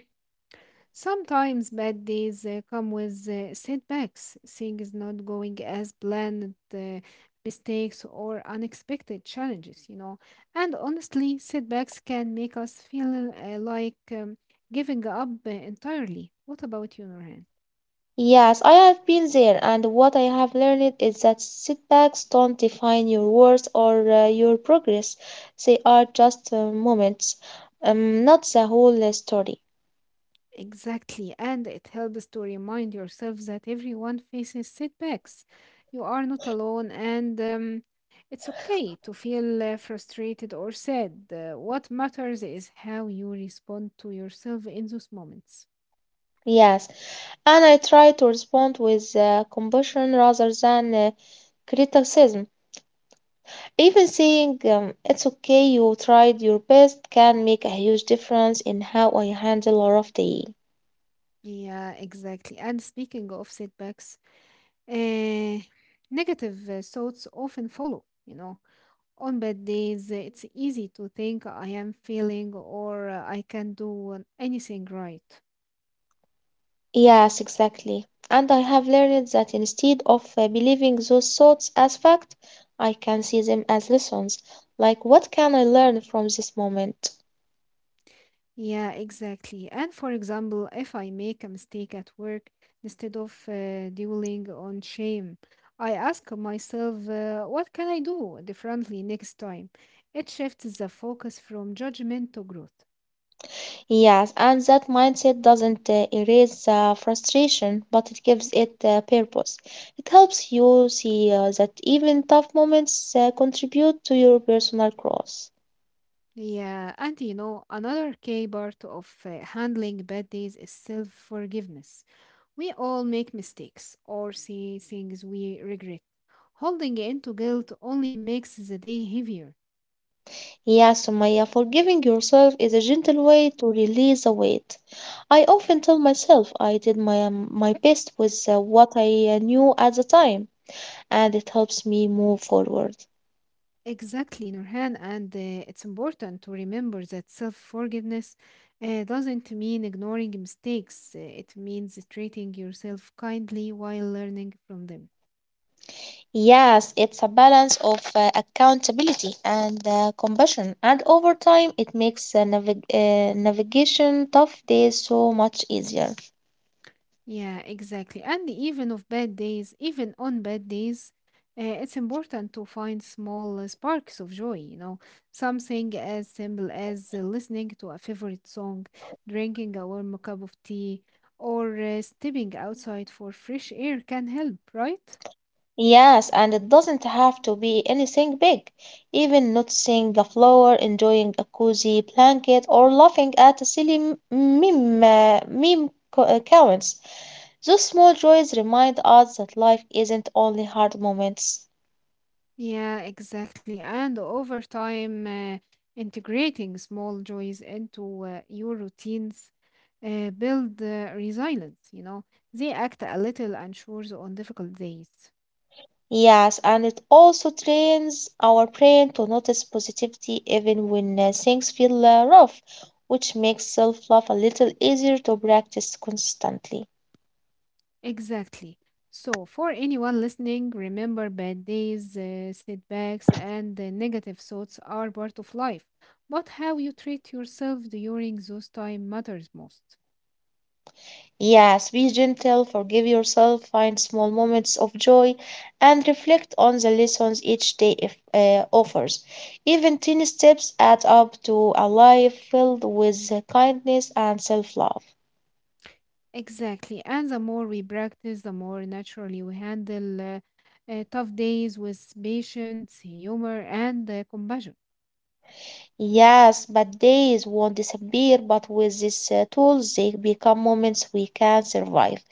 S1: sometimes bad days come with setbacks, things not going as planned, mistakes, or unexpected challenges, you know. And honestly, setbacks can make us feel like giving up entirely. What about you, Norhan?
S2: Yes, I have been there, and what I have learned is that setbacks don't define your worth or your progress. They are just moments, not the whole story.
S1: Exactly, and it helps to remind yourself that everyone faces setbacks. You are not alone, and it's okay to feel frustrated or sad. What matters is how you respond to yourself in those moments.
S2: Yes, and I try to respond with compassion rather than criticism. Even saying it's okay, you tried your best, can make a huge difference in how I handle a rough day.
S1: Yeah, exactly. And speaking of setbacks, uh, negative thoughts often follow, you know. On bad days, it's easy to think I am failing or I can do anything right.
S2: Yes, exactly. And I have learned that instead of believing those thoughts as fact, I can see them as lessons. Like, what can I learn from this moment?
S1: Yeah, exactly. And for example, if I make a mistake at work, instead of dwelling on shame, I ask myself, what can I do differently next time? It shifts the focus from judgment to growth.
S2: Yes, and that mindset doesn't erase the frustration, but it gives it purpose. It helps you see that even tough moments contribute to your personal growth.
S1: Yeah, and you know, another key part of handling bad days is self forgiveness. We all make mistakes or see things we regret. Holding into guilt only makes the day heavier.
S2: Yes, Sumaya, forgiving yourself is a gentle way to release the weight. I often tell myself I did my best with what I knew at the time, and it helps me move forward.
S1: Exactly, Nurhan, and it's important to remember that self forgiveness doesn't mean ignoring mistakes. It means treating yourself kindly while learning from them.
S2: Yes, it's a balance of accountability and compassion, and over time, it makes navigation tough days so much easier.
S1: Yeah, exactly. And even on bad days, it's important to find small sparks of joy, you know, something as simple as listening to a favorite song, drinking a warm cup of tea, or stepping outside for fresh air can help, right?
S2: Yes, and it doesn't have to be anything big. Even noticing a flower, enjoying a cozy blanket, or laughing at a silly meme counts. Those small joys remind us that life isn't only hard moments.
S1: Yeah, exactly. And over time, integrating small joys into your routines build resilience, you know. They act a little unsure on difficult days.
S2: Yes, and it also trains our brain to notice positivity even when things feel rough, which makes self love a little easier to practice constantly.
S1: Exactly. So, for anyone listening, remember bad days, setbacks, and negative thoughts are part of life. But how you treat yourself during those time matters most.
S2: Yes, be gentle, forgive yourself, find small moments of joy, and reflect on the lessons each day if, offers. Even tiny steps add up to a life filled with kindness and self love.
S1: Exactly. And the more we practice, the more naturally we handle tough days with patience, humor, and compassion.
S2: Yes, bad days won't disappear, but with these tools, they become moments we can survive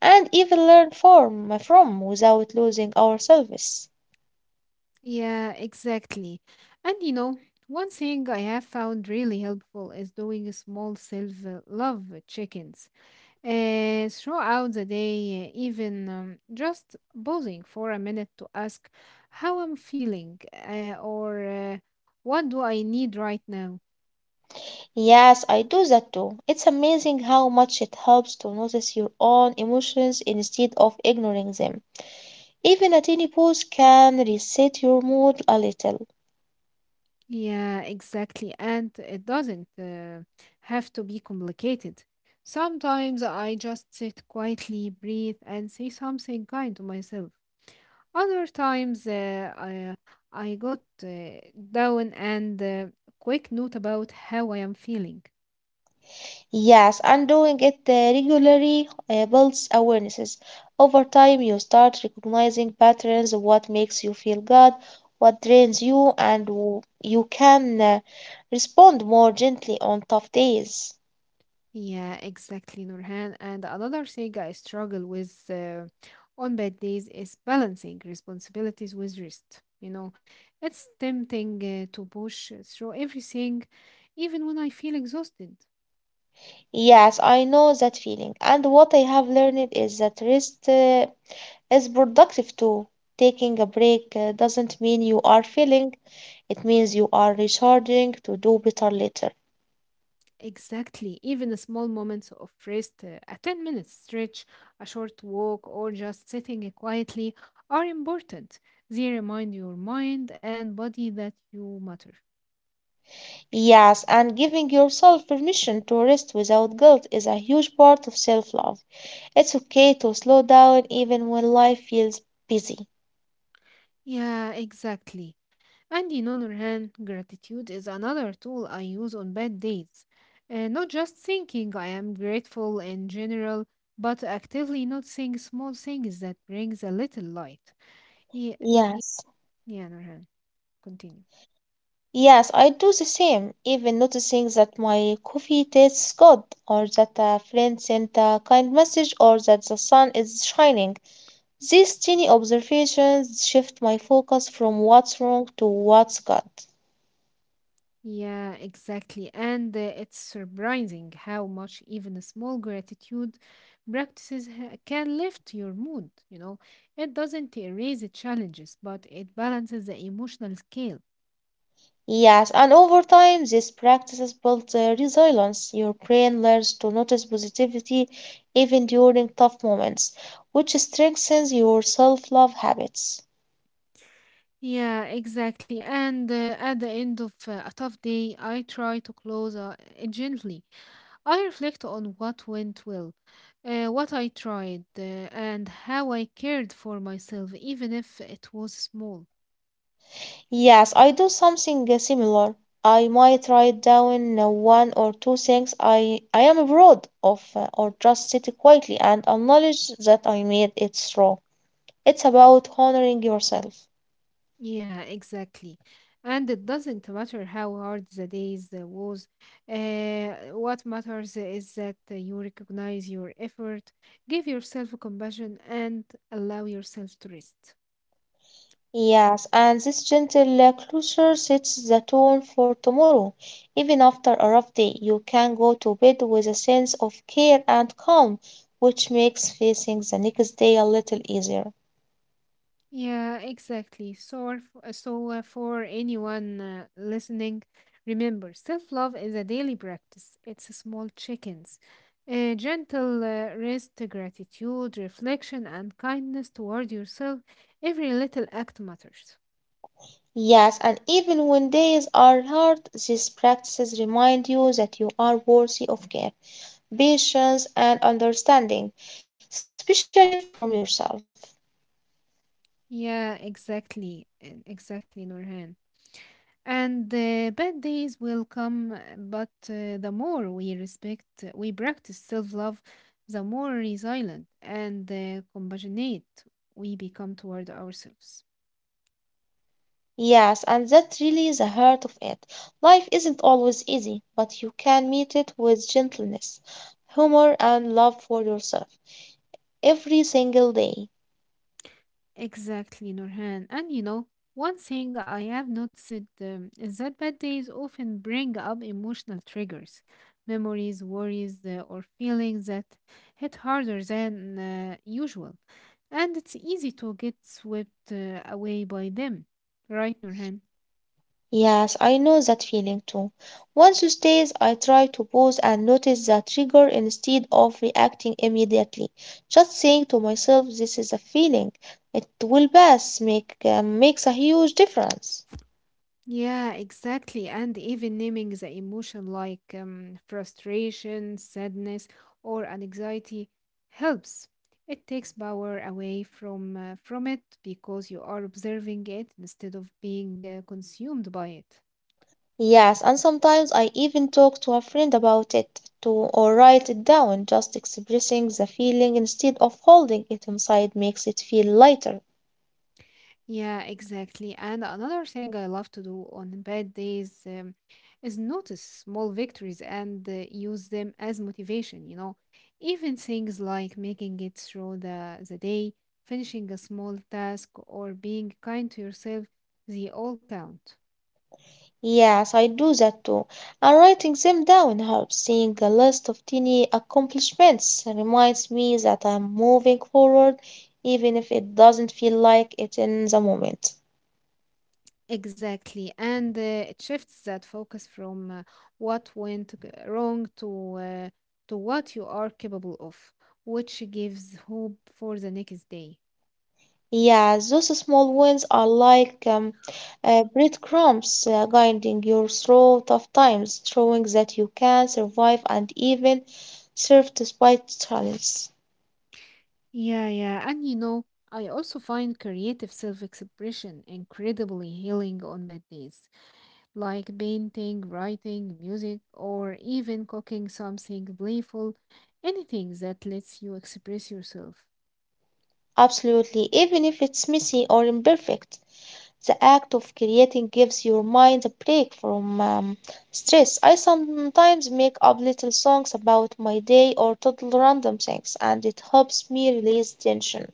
S2: and even learn from without losing ourselves.
S1: Yeah, exactly. And you know, one thing I have found really helpful is doing small self love check ins throughout the day, even just pausing for a minute to ask how I'm feeling or what do I need right now.
S2: Yes, I do that too. It's amazing how much it helps to notice your own emotions instead of ignoring them. Even a tiny pause can reset your mood a little.
S1: Yeah, exactly. And it doesn't have to be complicated. Sometimes I just sit quietly, breathe, and say something kind to myself. Other times I got down and quick note about how I am feeling.
S2: Yes, and doing it regularly builds awarenesses. Over time, you start recognizing patterns of what makes you feel good, what drains you, and you can respond more gently on tough days.
S1: Yeah, exactly, Nurhan. And another thing I struggle with on bad days is balancing responsibilities with rest. You know, it's tempting to push through everything, even when I feel exhausted.
S2: Yes, I know that feeling. And what I have learned is that rest is productive too. Taking a break doesn't mean you are failing, it means you are recharging to do better later.
S1: Exactly, even a small moments of rest, a 10-minute stretch, a short walk, or just sitting quietly are important. They remind your mind and body that you matter.
S2: Yes, and giving yourself permission to rest without guilt is a huge part of self love. It's okay to slow down even when life feels busy.
S1: Yeah, exactly. And you know, Nurhan, gratitude is another tool I use on bad days. Not just thinking I am grateful in general, but actively noticing small things that brings a little light. Yeah,
S2: Yes.
S1: yeah, Nurhan, continue.
S2: Yes, I do the same, even noticing that my coffee tastes good, or that a friend sent a kind message, or that the sun is shining. These tiny observations shift my focus from what's wrong to what's good.
S1: Yeah, exactly. And it's surprising how much even a small gratitude practices can lift your mood, you know. It doesn't erase the challenges, but it balances the emotional scale.
S2: Yes, and over time, these practices build resilience. Your brain learns to notice positivity even during tough moments, which strengthens your self love habits.
S1: Yeah, exactly. And at the end of a tough day, I try to close it gently. I reflect on what went well, what I tried, and how I cared for myself, even if it was small.
S2: Yes, I do something similar. I might write down one or two things I am proud of, or just sit quietly and acknowledge that I made it through. It's about honoring yourself.
S1: Yeah, exactly. And it doesn't matter how hard the days was. What matters is that you recognize your effort, give yourself compassion, and allow yourself to rest.
S2: Yes, and this gentle closure sets the tone for tomorrow. Even after a rough day, you can go to bed with a sense of care and calm, which makes facing the next day a little easier.
S1: Yeah, exactly. So, for anyone listening, remember self-love is a daily practice. It's a small chickens, gentle rest, gratitude, reflection, and kindness toward yourself. Every little act matters.
S2: Yes, and even when days are hard, these practices remind you that you are worthy of care, patience, and understanding, especially from yourself.
S1: Yeah, exactly, exactly, Nurhan. And bad days will come, but the we practice self love, the more resilient and compassionate we become toward ourselves.
S2: Yes, and that's really the heart of it. Life isn't always easy, but you can meet it with gentleness, humor, and love for yourself every single day.
S1: Exactly, Nurhan. And you know, one thing I have noticed is that bad days often bring up emotional triggers, memories, worries, or feelings that hit harder than usual. And it's easy to get swept away by them, right, Nurhan?
S2: Yes, I know that feeling too. Once you stays, I try to pause and notice the trigger instead of reacting immediately. Just saying to myself, this is a feeling. It will pass, makes a huge difference.
S1: Yeah, exactly. And even naming the emotion like frustration, sadness, or anxiety helps. It takes power away from it because you are observing it instead of being consumed by it.
S2: Yes, and sometimes I even talk to a friend about it to or write it down. Just expressing the feeling instead of holding it inside makes it feel lighter.
S1: Yeah, exactly. And another thing I love to do on bad days is notice small victories and use them as motivation, you know. Even things like making it through the day, finishing a small task, or being kind to yourself, they all count.
S2: Yes, I do that too. And writing them down helps. Seeing a list of tiny accomplishments reminds me that I'm moving forward, even if it doesn't feel like it in the moment.
S1: Exactly. And it shifts that focus from wrong to what you are capable of, which gives hope for the next day.
S2: Yeah, those small wins are like breadcrumbs guiding you through tough times, showing that you can survive and even thrive despite challenges.
S1: Yeah, yeah. And you know, I also find creative self expression incredibly healing on bad days, like painting, writing, music, or even cooking something playful, anything that lets you express yourself.
S2: Absolutely, even if it's messy or imperfect. The act of creating gives your mind a break from stress. I sometimes make up little songs about my day or total random things, and it helps me release tension.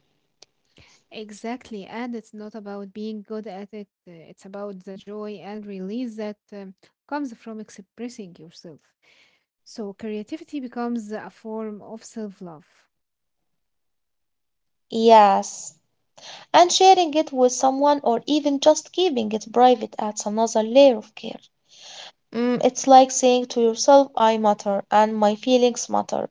S1: Exactly. And it's not about being good at it, it's about the joy and release that comes from expressing yourself. So creativity becomes a form of self love.
S2: Yes. And sharing it with someone or even just keeping it private adds another layer of care. Mm, it's like saying to yourself, I matter and my feelings matter.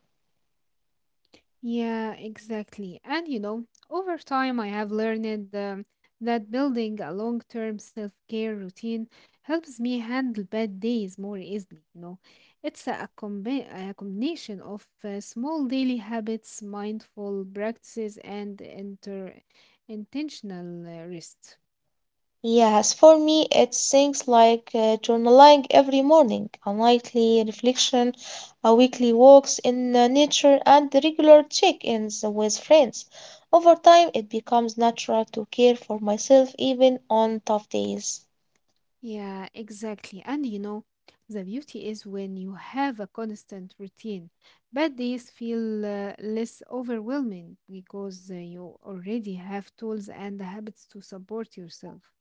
S1: Yeah, exactly. And you know, over time, I have learned that building a long term self care routine helps me handle bad days more easily. You know, it's a combination of small daily habits, mindful practices, and intentional rest.
S2: Yes, for me, it's things like journaling every morning, a nightly reflection, a weekly walks in nature, and regular check-ins with friends. Over time, it becomes natural to care for myself even on tough days.
S1: Yeah, exactly. And you know, the beauty is when you have a constant routine, bad days feel less overwhelming because you already have tools and habits to support yourself.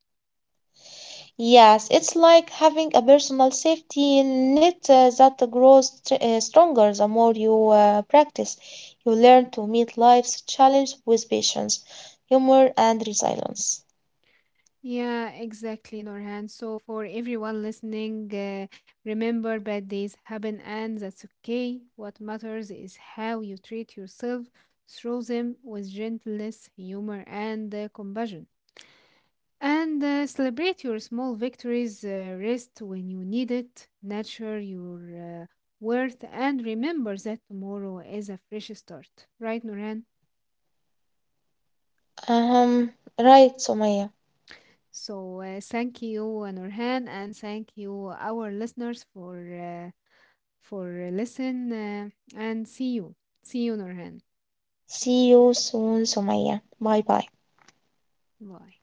S2: Yes, it's like having a personal safety net that grows stronger the more you practice. You learn to meet life's challenge with patience, humor, and resilience.
S1: Yeah, exactly, Norhan. So, for everyone listening, remember bad days happen and that's okay. What matters is how you treat yourself through them with gentleness, humor, and compassion. And celebrate your small victories, rest when you need it, nurture your worth, and remember that tomorrow is a fresh start. Right, Norhan?
S2: Um, right, Somaya.
S1: So thank you, Norhan, and thank you, our listeners, for listen and see you. See you, Norhan.
S2: See you soon, Somaya. Bye bye.
S1: Bye.